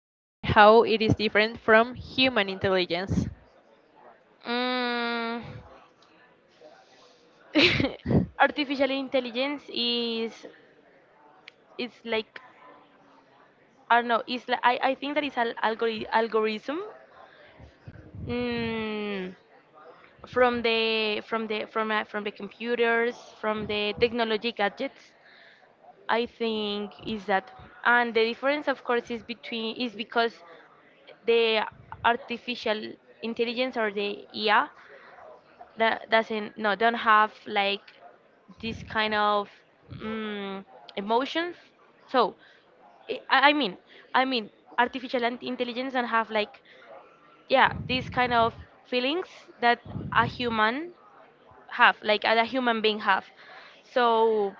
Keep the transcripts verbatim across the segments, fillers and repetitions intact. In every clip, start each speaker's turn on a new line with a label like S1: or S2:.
S1: and how it is different from human intelligence?
S2: Mm. Artificial intelligence is, it's like, I don't know. It's like, I I think that it's an algori- algorithm. Mm. from the from the from uh, from the computers, from the technology gadgets. I think is that, and the difference, of course, is between is because the artificial intelligence or the I A, that doesn't no don't have like this kind of mm emotions. So I, I mean, I mean, artificial in- intelligence not have like, yeah, these kind of feelings that a human have, like as a human being have. So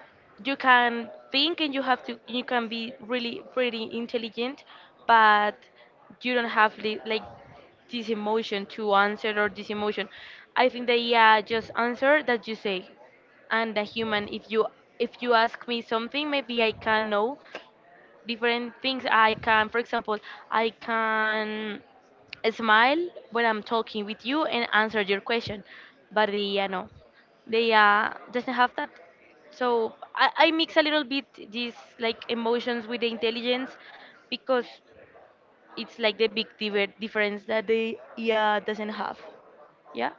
S2: you can think and you have to you can be really pretty intelligent, but you don't have li- like this emotion to answer or this emotion. I think that, yeah, just answer that you say. And the human, if you, if you ask me something, maybe I can know different things. I can, for example, I can smile when I'm talking with you and answer your question. But the, you know, they uh, doesn't have that. So I, I mix a little bit these like emotions with the intelligence, because it's like the big diver- difference that the, yeah, doesn't have. Yeah,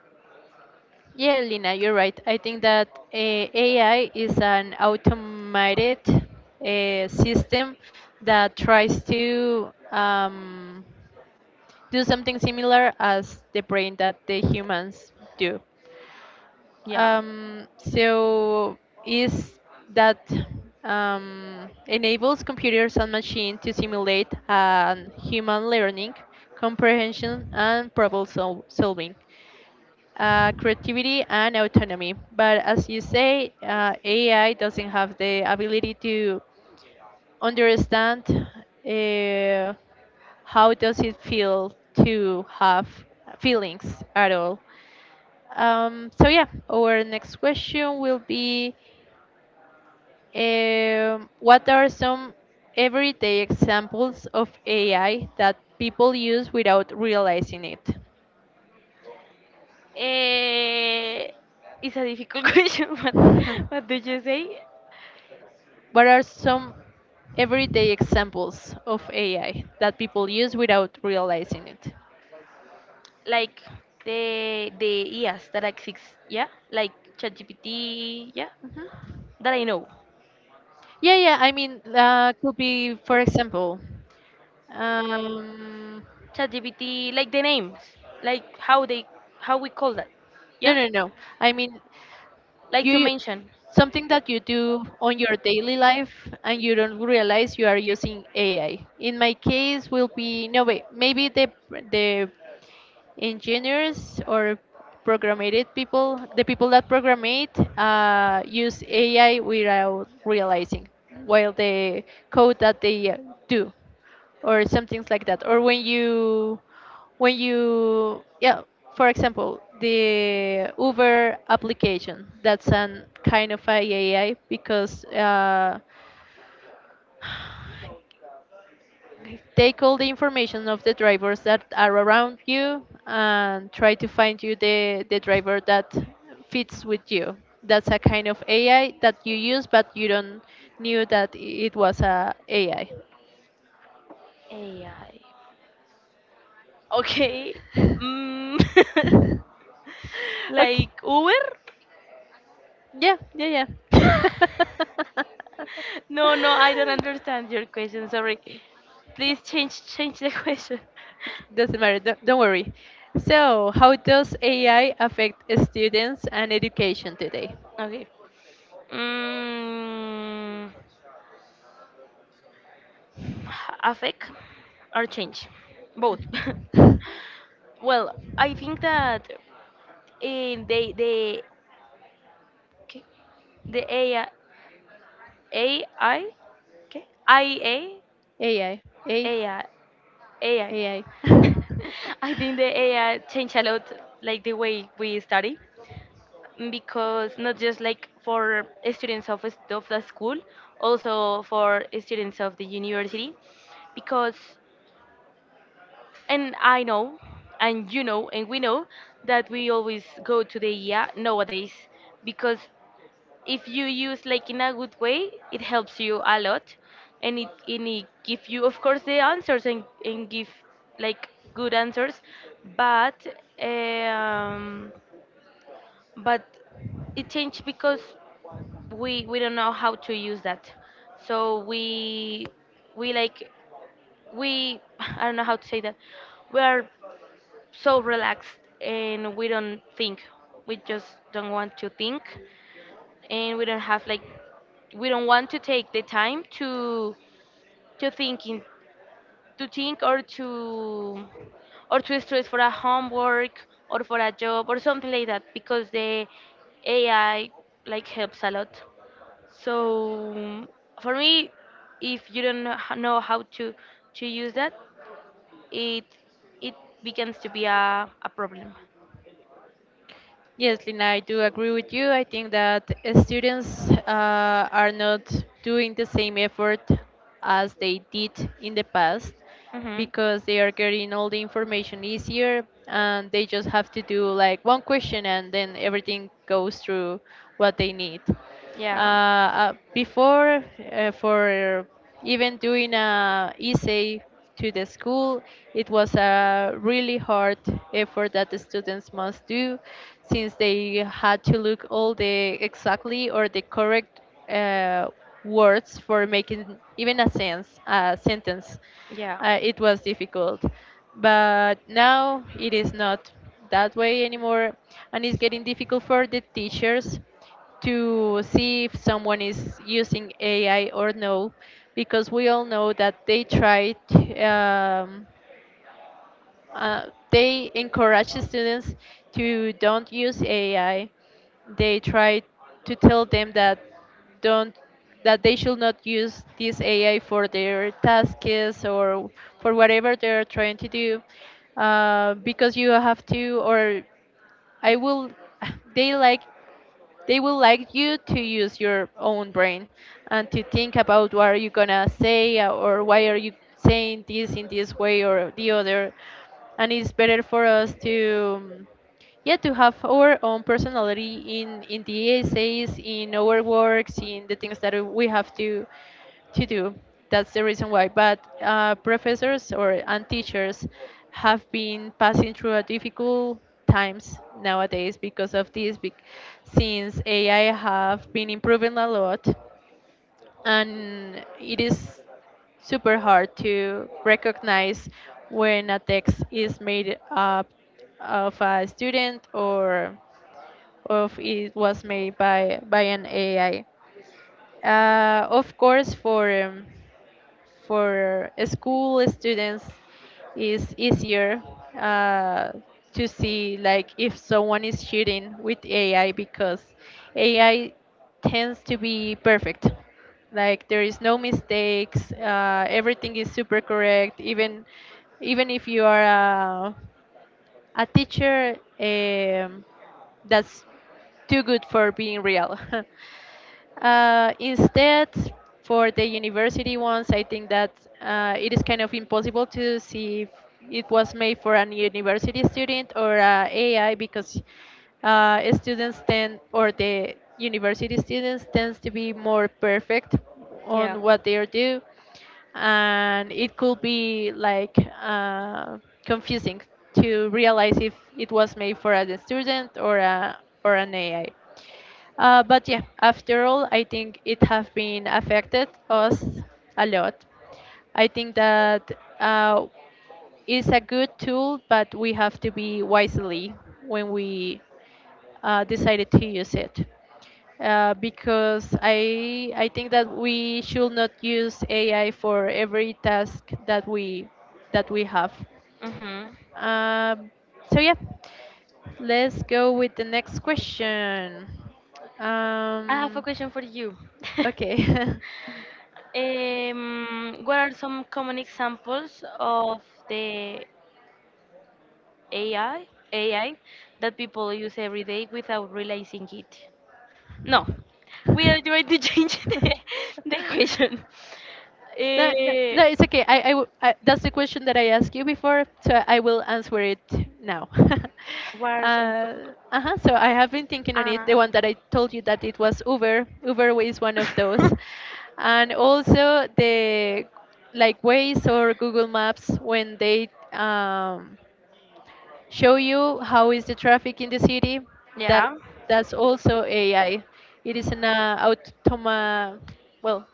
S1: Yeah, Lina, you're right. I think that uh, A I is an automated uh, system that tries to um, do something similar as the brain that the humans do.
S2: yeah.
S1: Um, so is that um, enables computers and machine to simulate um, human learning, comprehension, and problem sol- solving, uh, creativity, and autonomy. But as you say, uh, A I doesn't have the ability to understand uh, how does it feel to have feelings at all. Um, so yeah, our next question will be, um, what are some everyday examples of A I that people use without realizing it?
S2: Eh, it's a difficult question. What,
S1: What
S2: what did you say?
S1: are some everyday examples of A I that people use without realizing it?
S2: Like the the E As that exist, yeah, like ChatGPT, yeah,
S1: Mhm.
S2: that I know.
S1: Yeah, yeah. I mean, uh, could be, for example, um,
S2: ChatGPT, like the names, like how they, how we call that,
S1: no,
S2: yeah,
S1: no, no. I mean,
S2: like to
S1: you
S2: mention
S1: something that you do on your daily life and you don't realize you are using A I. In my case, will be no wait, maybe the the engineers or programmed people, the people that program it, uh, use A I without realizing while the code that they uh, do or something like that. Or when you, when you, yeah, for example, the Uber application, that's an kind of a AI because uh, take all the information of the drivers that are around you and try to find you the, the driver that fits with you. That's a kind of A I that you use, but you don't knew that it was a AI.
S2: A I. Okay, mm,
S1: Okay.
S2: like Uber.
S1: Yeah, yeah, yeah.
S2: No, no, I don't understand your question. Sorry. Please change change the question.
S1: Doesn't matter, don't, don't worry. So, how does A I affect students and education today?
S2: Okay. Mm, affect or change, both. Well, I think that in the the okay, the ai ai okay, ia,
S1: A I, A,
S2: ai ai
S1: AI.
S2: I think the AI changed a lot, like the way we study, because not just like for students of, s- of the school, also for students of the university, because, and I know, and you know, and we know that we always go to the, yeah, nowadays, because if you use like in a good way, it helps you a lot, and it and it give you, of course, the answers, and and give like good answers, but um, but it changed because we we don't know how to use that, so we we like we I don't know how to say that. We are so relaxed and we don't think, we just don't want to think, and we don't have like, we don't want to take the time to to thinking to think or to, or to stress for a homework or for a job or something like that, because the A I like helps a lot. So for me, if you don't know h- know how to to use that, it it begins to be a, a problem.
S1: Yes, Lina, I do agree with you. I think that uh, students uh, are not doing the same effort as they did in the past
S2: Mm-hmm.
S1: because they are getting all the information easier and they just have to do like one question and then everything goes through what they need uh,
S2: Yeah.
S1: uh, before, uh, for even doing a essay to the school, it was a really hard effort that the students must do since they had to look all the exactly or the correct uh, words for making even a sense a sentence. Uh, it was difficult
S2: Yeah.
S1: but now it is not that way anymore, and it's getting difficult for the teachers to see if someone is using A I or no, because we all know that they try to, um, uh, they encourage students to don't use A I. They try to tell them that don't that they should not use this A I for their tasks or for whatever they're trying to do, uh, because you have to or I will they like they will like you to use your own brain and to think about what are you gonna say uh, or why are you saying this in this way or the other, and it's better for us to um, yeah to have our own personality in in the essays, in our works, in the things that we have to to do. That's the reason why. But uh, professors or and teachers have been passing through a difficult times nowadays because of this. bec- Since A I have been improving a lot, and it is super hard to recognize when a text is made up of a student or of it was made by by an A I. Uh, of course, for um, for school students is easier uh, to see like if someone is cheating with A I, because A I tends to be perfect. Like there is no mistakes. Uh, everything is super correct. Even even if you are a, a teacher, um, that's too good for being real. Uh, instead, for the university ones, I think that uh, it is kind of impossible to see if it was made for an university student or a AI because uh, students tend or the university students tends to be more perfect
S2: Yeah.
S1: on what they are do, and it could be like uh, confusing to realize if it was made for a student or a or an A I. Uh, but yeah, after all, I think it have been affected us a lot. I think that uh, it's a good tool, but we have to be wisely when we uh, decided to use it. Uh, because I I think that we should not use A I for every task that we that we have.
S2: Mm-hmm.
S1: Um, so yeah, let's go with the next question.
S2: I have a
S1: Um,
S2: question for you.
S1: okay.
S2: Um, what are some common examples of the A I A I that people use every day without realizing it? No, we are going to change the, the question.
S1: No, no,
S2: Eh,
S1: no, it's okay. I, I, w- I- that's the question that I asked you before, so I will answer it now.
S2: what are some common?
S1: uh, uh-huh, so I have been thinking on it.
S2: Ah.
S1: The one that I told you that it was Uber. Uber is one of those, and also the like Waze or Google Maps when they um, show you how is the traffic in the city. That
S2: Yeah.
S1: that's also A I. It is an uh, automa well,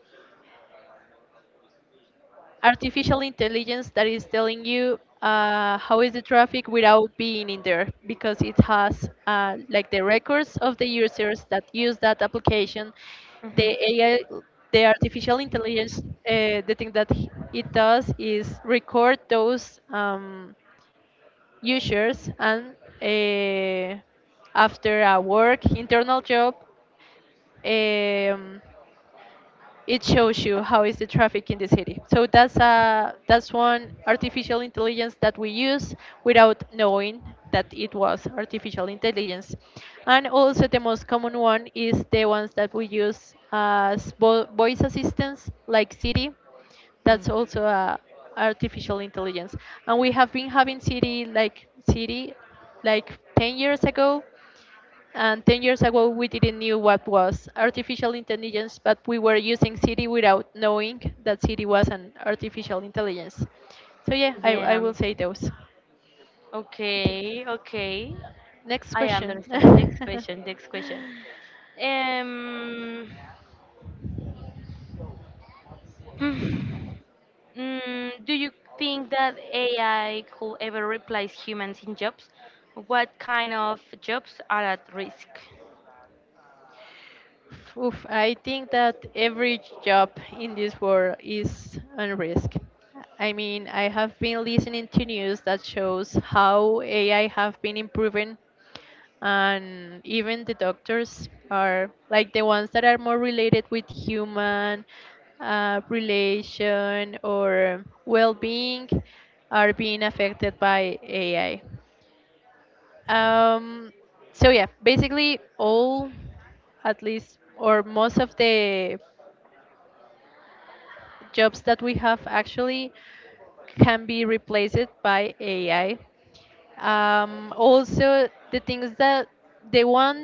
S1: artificial intelligence that is telling you uh, how is the traffic without being in there because it has uh, like the records of the users that use that application. the
S2: Mhm.
S1: ai the artificial intelligence, uh, the thing that h- it does is record those um, users and, uh, after a work internal job, um, it shows you how is the traffic in the city. So that's a that's one artificial intelligence that we use without knowing that it was artificial intelligence. And also the most common one is the ones that we use as vo- voice assistants like Siri.
S2: Mm.
S1: That's also a artificial intelligence. And we have been having Siri like Siri like ten years ago, and ten years ago, we didn't knew what was artificial intelligence, but we were using Siri without knowing that Siri was an artificial intelligence. So yeah, I, I
S2: Yeah.
S1: will say those.
S2: Okay. Okay.
S1: Next
S2: I
S1: question.
S2: understand. Next question. Next question. Um, mm, mm, do you think that A I could ever replace humans in jobs? What kind of jobs are at risk?
S1: Oof, I think that every job in this world is on risk. I mean, I have been listening to news that shows how A I have been improving, and even the doctors, are like the ones that are more related with human uh, relation or well-being, are being affected by A I. Um, so yeah, basically all, at least or most of the jobs that we have actually can be replaced by A I. Um, also, the things that the one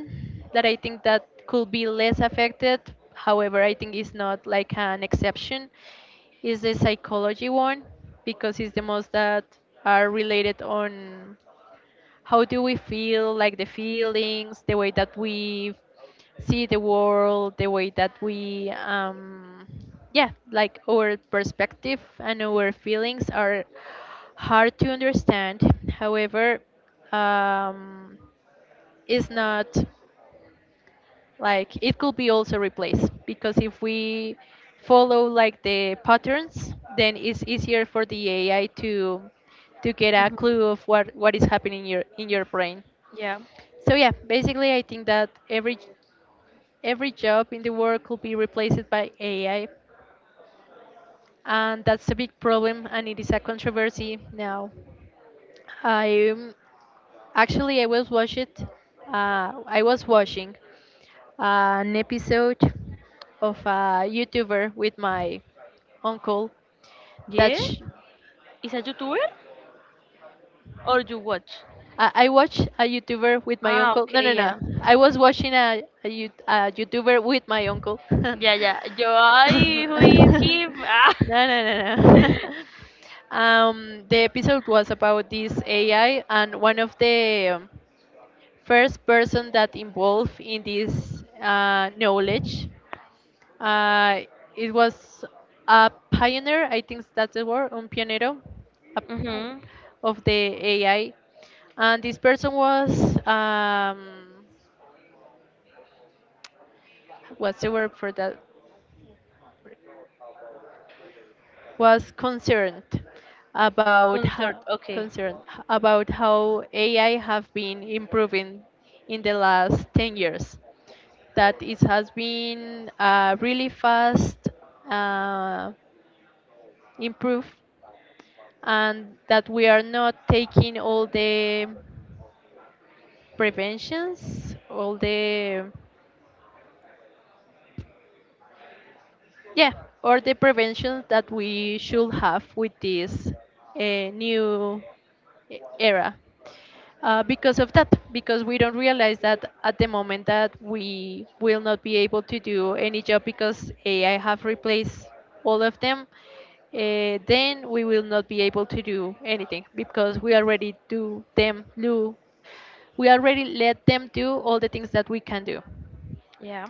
S1: that I think that could be less affected, however, I think is not like an exception, is the psychology one because it's the most that are related on how do we feel, like the feelings, the way that we see the world, the way that we um yeah like, our perspective and our feelings are hard to understand. However, um is not like it could be also replaced because if we follow like the patterns, then it's easier for the ai to to get a clue of what what is happening in your in your brain.
S2: Yeah.
S1: So yeah, basically I think that every every job in the world could be replaced by A I, and that's a big problem, and it is a controversy now. I um, actually, I was watching, uh, I was watching an episode of a YouTuber with my uncle that
S2: Yes?
S1: sh-
S2: Is a YouTuber? Or you watch?
S1: I, I watched a YouTuber with my
S2: Ah,
S1: uncle. No,
S2: okay,
S1: no, no.
S2: yeah.
S1: I was watching a, a, you- a YouTuber with my uncle. no,
S2: Yeah, yeah. Yo, I, who
S1: no,
S2: is him? Ah.
S1: no, no. um, the episode was about this A I, and one of the um, first person that involved in this uh, knowledge, uh, it was a pioneer, I think that's the word, un pionero a-
S2: Mm-hmm.
S1: of the A I. And this person was, um, what's the word for that? Was concerned about
S2: Concert,
S1: how,
S2: okay.
S1: concerned about how A I have been improving in the last ten years. That it has been uh, really fast uh, improve, and that we are not taking all the preventions, all the yeah, or the preventions that we should have with this uh, new e- era. Uh, because of that, because we don't realize that at the moment that we will not be able to do any job because AI have replaced all of them, uh, then we will not be able to do anything because we already do them do we already let them do all the things that we can do.
S2: Yeah,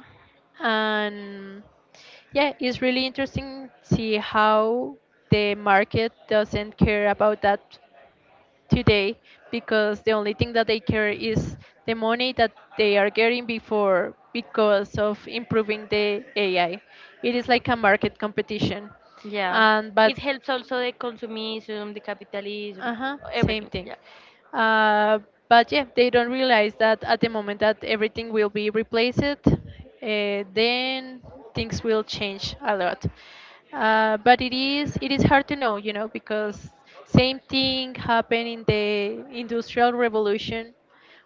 S1: And yeah, it's really interesting see how the market doesn't care about that today, because the only thing that they care is the money that they are getting before because of improving the A I. It is like a market competition.
S2: yeah.
S1: And but
S2: It helps also the consumism, the capitalism,
S1: uh-huh, same
S2: everything.
S1: thing.
S2: Yeah.
S1: Uh, but yeah, they don't realize that at the moment that everything will be replaced, uh, then things will change a lot. Uh, but it is it is hard to know, you know, because same thing happened in the Industrial Revolution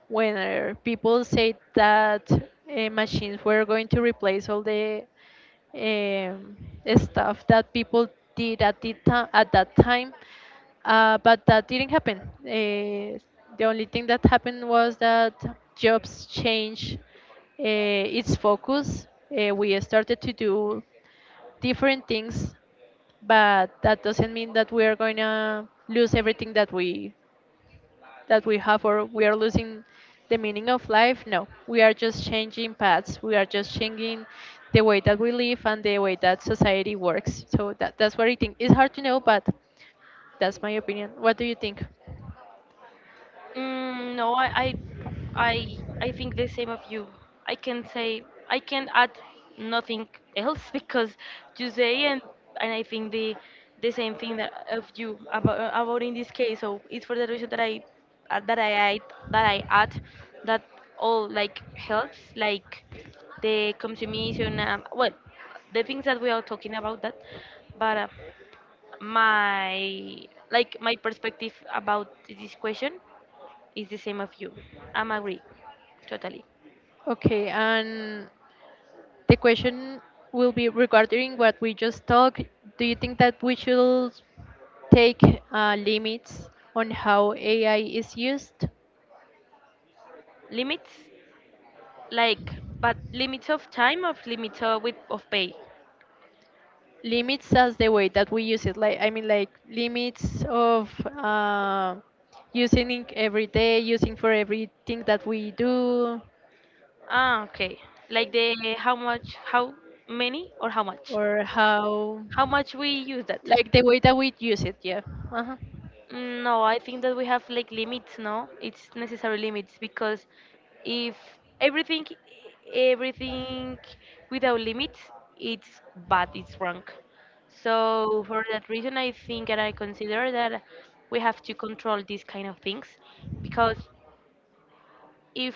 S1: when uh, people said that uh, machines were going to replace all the um, stuff that people did at the ti- at that time, uh, but that didn't happen. Uh, the only thing that happened was that jobs changed uh, its focus. Uh, we started to do different things, but that doesn't mean that we are going to lose everything that we that we have or we are losing the meaning of life. No, we are just changing paths. We are just changing the way that we live and the way that society works. So that, that's what I think. It's hard to know, but that's my opinion. What do you think?
S2: Mm, no, I, I, I, I think the same of you. I can say, I can add nothing else, because you say, and and I think the the same thing that of you about about in this case. So it's for the reason that I uh, that I add, that I add that all like helps like the consumption. Um, well, the things that we are talking about that, but uh, my, like my perspective about this question, it's the same of you. I'm agree, totally.
S1: Okay, and the question will be regarding what we just talked. Do you think that we should take uh, limits on how A I is used?
S2: Limits, like, but limits of time or limits of with of pay.
S1: Limits as the way that we use it. Like, I mean, like limits of uh, using it every day, using for everything that we do,
S2: Ah, okay. Like the how much, how many, or how much?
S1: or how,
S2: How much we use that?
S1: like the way that we use it. Yeah. Uh-huh.
S2: Mm, no, I think that we have like limits, no? It's necessary limits, because if everything everything without limits, it's bad, it's wrong. So for that reason, I think and I consider that we have to control these kind of things, because if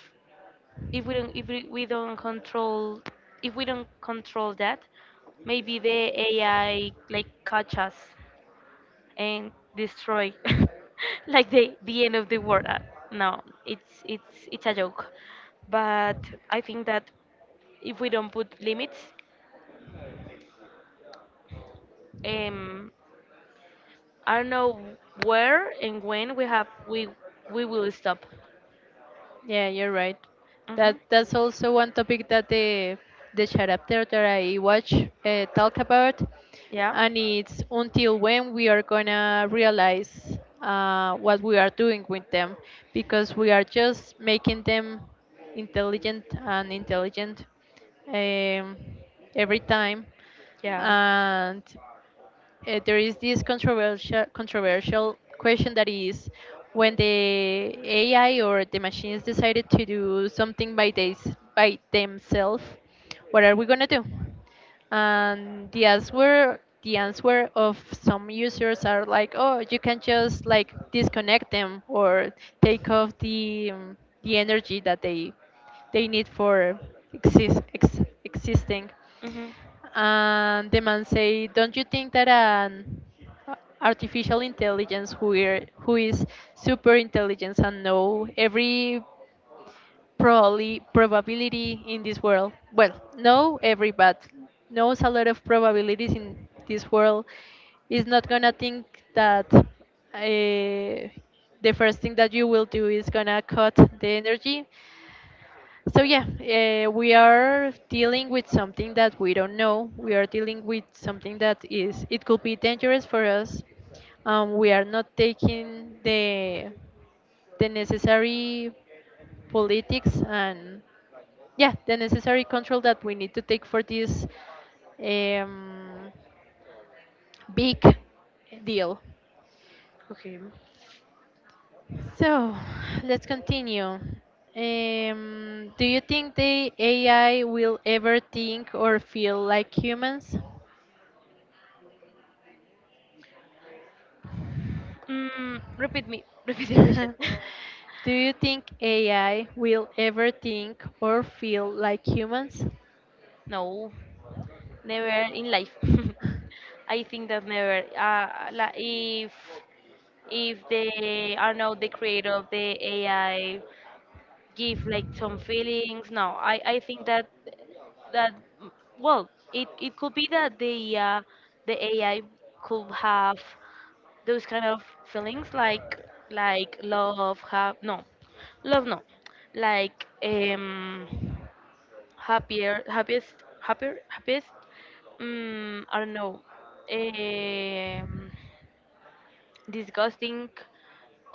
S2: if we don't if we we don't control, if we don't control that, maybe the A I like catch us and destroy like the the end of the world. Uh, No, it's it's it's a joke. But I think that if we don't put limits, um, I don't know where and when we have we we will stop.
S1: Yeah, you're right. That
S2: Hmm
S1: that's also one topic that the the chapter that I watch uh, talk about,
S2: Yeah.
S1: and it's until when we are gonna realize uh, what we are doing with them, because we are just making them intelligent and intelligent um, every time,
S2: Yeah.
S1: and uh, there is this controversial controversial question that is, when the A I or the machines decided to do something by they, by themselves, what are we gonna do? And the answer the answer of some users are like, oh, you can just like disconnect them or take off the um, the energy that they they need for exist, ex, existing.
S2: Mm-hmm.
S1: And the man say, "Don't you think that an artificial intelligence who are, who is super intelligence and know every probably probability in this world? Well, no every, but knows a lot of probabilities in this world. Is not gonna think that." Uh, the first thing that you will do is gonna cut the energy, so yeah, uh, we are dealing with something that we don't know. We are dealing with something that is it could be dangerous for us. Um, we are not taking the the necessary politics and yeah, the necessary control that we need to take for this um, big deal.
S2: Okay.
S1: So let's continue. Um, do you think the A I will ever think or feel like humans?
S2: Mm, repeat me. Repeat the question.
S1: Do you think A I will ever think or feel like humans?
S2: No, never in life. I think that never. Uh, like if if they are not the creator of the A I, give like some feelings. No, I I think that that, well, it it could be that the uh, the A I could have those kind of feelings like like love have, no, love, no, like, um, happier happiest happier happiest um, I don't know, um, disgusting,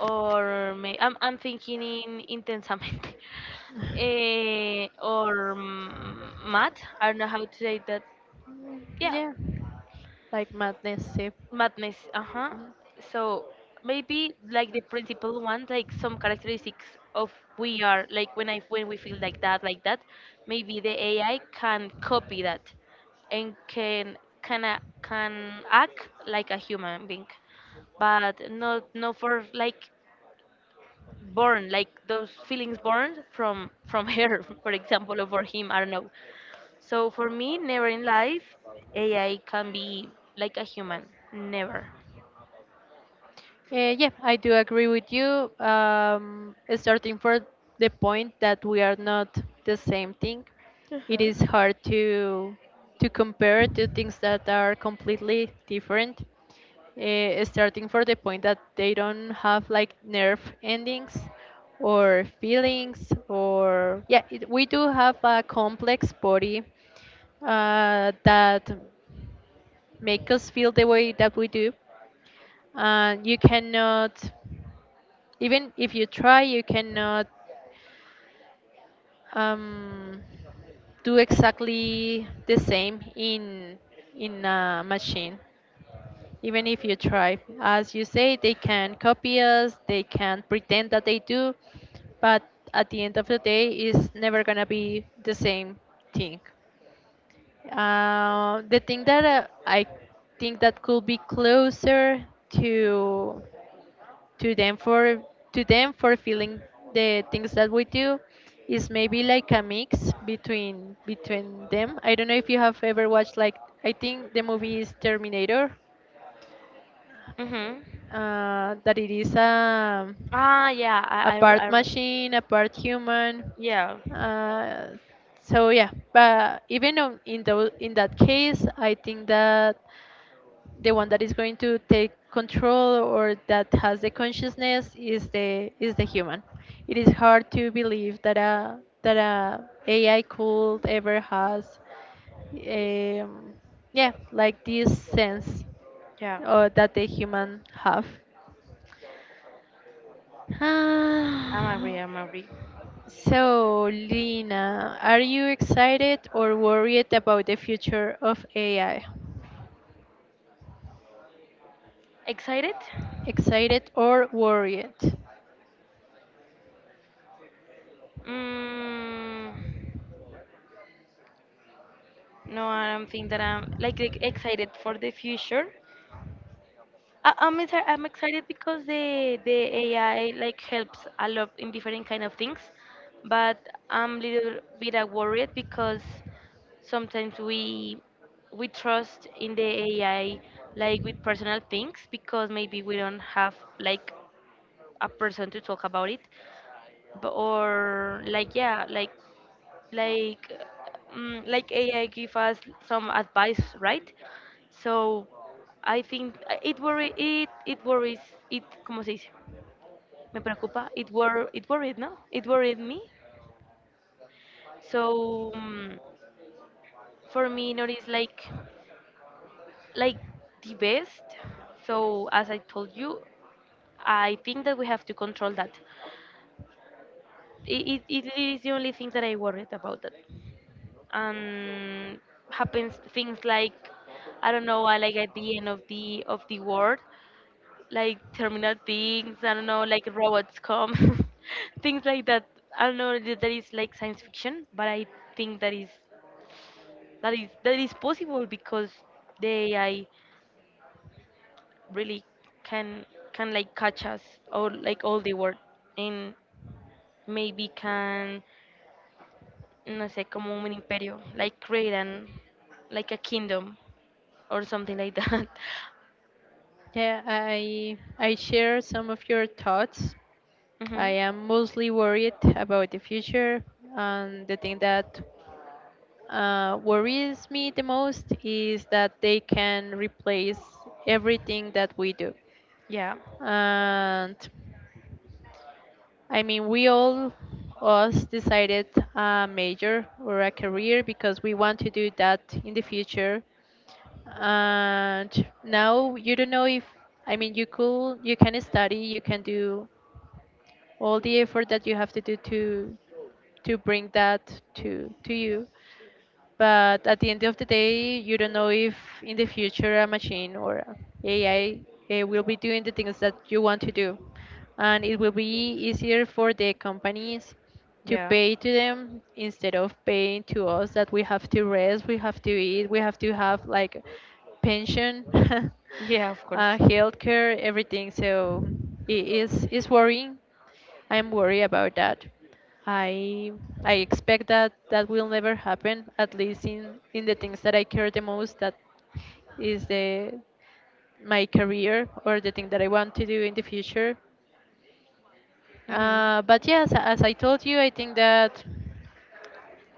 S2: or may, I'm, I'm thinking in intensamente, eh, or mm, mad, I don't know how to say that. Yeah.
S1: Yeah, like madness. Sip.
S2: Madness, uh-huh. So maybe like the principal one, like some characteristics of we are, like when I when we feel like that, like that, maybe the A I can copy that
S1: Mhm.
S2: and can can a- can act like a human being, but not, not for like born, like those feelings born from from her, for example, or for him. I don't know. So for me, never in life, A I can be like a human, never.
S1: Uh, yeah, I do agree with you. Um, starting for the point that we are not the same thing, it
S2: Uh-huh.
S1: is hard to to compare two things that are completely different. Uh, starting for the point that they don't have like nerve endings or feelings or yeah it, we do have a complex body uh, that make us feel the way that we do, and you cannot even if you try you cannot um, do exactly the same in in a machine even if you try. As you say, they can copy us, they can pretend that they do, but at the end of the day, it's never gonna be the same thing. Uh, the thing that uh, I think that could be closer to to them for to them for feeling the things that we do is maybe like a mix between between them. I don't know if you have ever watched like I think the movie is Terminator,
S2: Mhm.
S1: uh, that it is a,
S2: Ah, yeah.
S1: a
S2: I, I, I
S1: part
S2: re-
S1: machine, a part human.
S2: yeah.
S1: Uh, so yeah, but even on, in tho- in that case, I think that the one that is going to take control or that has the consciousness is the is the human. It is hard to believe that a that a AI could ever has, um, yeah, like this sense
S2: Yeah,
S1: uh, that the human have.
S2: I'm agree.
S1: Ah,
S2: I'm agree.
S1: so, Lina, are you excited or worried about the future of A I?
S2: Excited?
S1: Excited or worried?
S2: Mm, no, I don't think that I'm like, like excited for the future. I, I'm exci- I'm excited because the the A I like helps a lot in different kind of things, but I'm little bit uh, worried because sometimes we we trust in the A I, like with personal things, because maybe we don't have like a person to talk about it, b- or like, yeah, like like mm, like A I give us some advice, right? So I think, uh, it worry it it worries it, como se dice, me preocupa, it wor it worried no it worried me. So mm, for me not is like like the best. So as I told you, I think that we have to control that. it, it, it is the only thing that I worried about that, and happens things like, I don't know, uh, like at the end of the of the world, like terminal things. I don't know, like robots come, things like that. I don't know, that that is like science fiction, but I think that is that is that is possible, because the A I really can can like catch us or like all the world, and maybe can, no sé como un imperio, like create an, like a kingdom or something like that.
S1: Yeah, I I share some of your thoughts. I
S2: hmm
S1: am mostly worried about the future, and the thing that uh, worries me the most is that they can replace everything that we do.
S2: Yeah,
S1: And I mean, we all us decided a major or a career because we want to do that in the future. And now you don't know if I mean you could you can study, you can do all the effort that you have to do to to bring that to to you. But at the end of the day, you don't know if in the future a machine or a AI uh, will be doing the things that you want to do. And it will be easier for the companies to
S2: yeah,
S1: pay to them instead of paying to us that we have to rest, we have to eat, we have to have like pension,
S2: yeah, of course.
S1: uh, healthcare, everything. So it is it's worrying. I am worried about that. I I expect that that will never happen. At least in in the things that I care the most, that is the my career or the thing that I want to do in the future.
S2: Hmm
S1: Uh, but yes, as I told you, I think that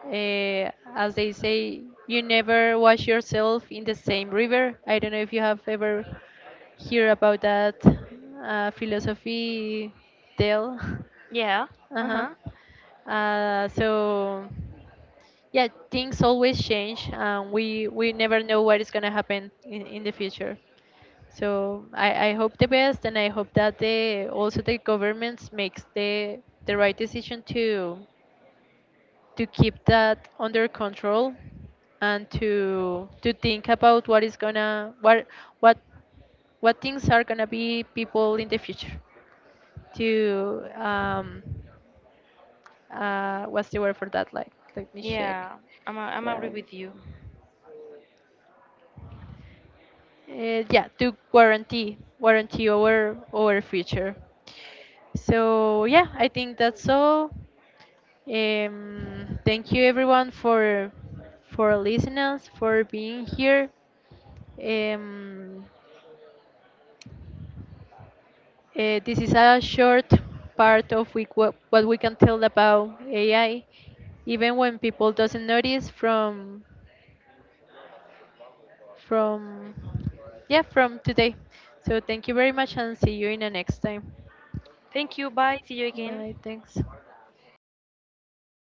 S1: uh, as they say, you never wash yourself in the same river. I don't know if you have ever heard about that uh, philosophy tale.
S2: Yeah.
S1: Uh-huh.
S2: Uh-huh.
S1: Uh, so yeah, things always change, and we we never know what is gonna happen in, in the future. So I, I hope the best, and I hope that the also the governments makes the the right decision to to keep that under control and to to think about what is gonna what what what things are gonna be people in the future to um, uh, what's the word for that? Like, let me check.
S2: Yeah. I'm I'm agree
S1: Yeah,
S2: with you.
S1: uh, yeah to warranty, warranty over our future. So yeah, I think that's all. Um, thank you everyone for for listening us, for being here. Um, uh, this is a short part of we, what, what we can tell about A I, even when people doesn't notice from from yeah, from today. So thank you very much and see you in the next time.
S2: Thank you. Bye. See you again.
S1: Bye, thanks.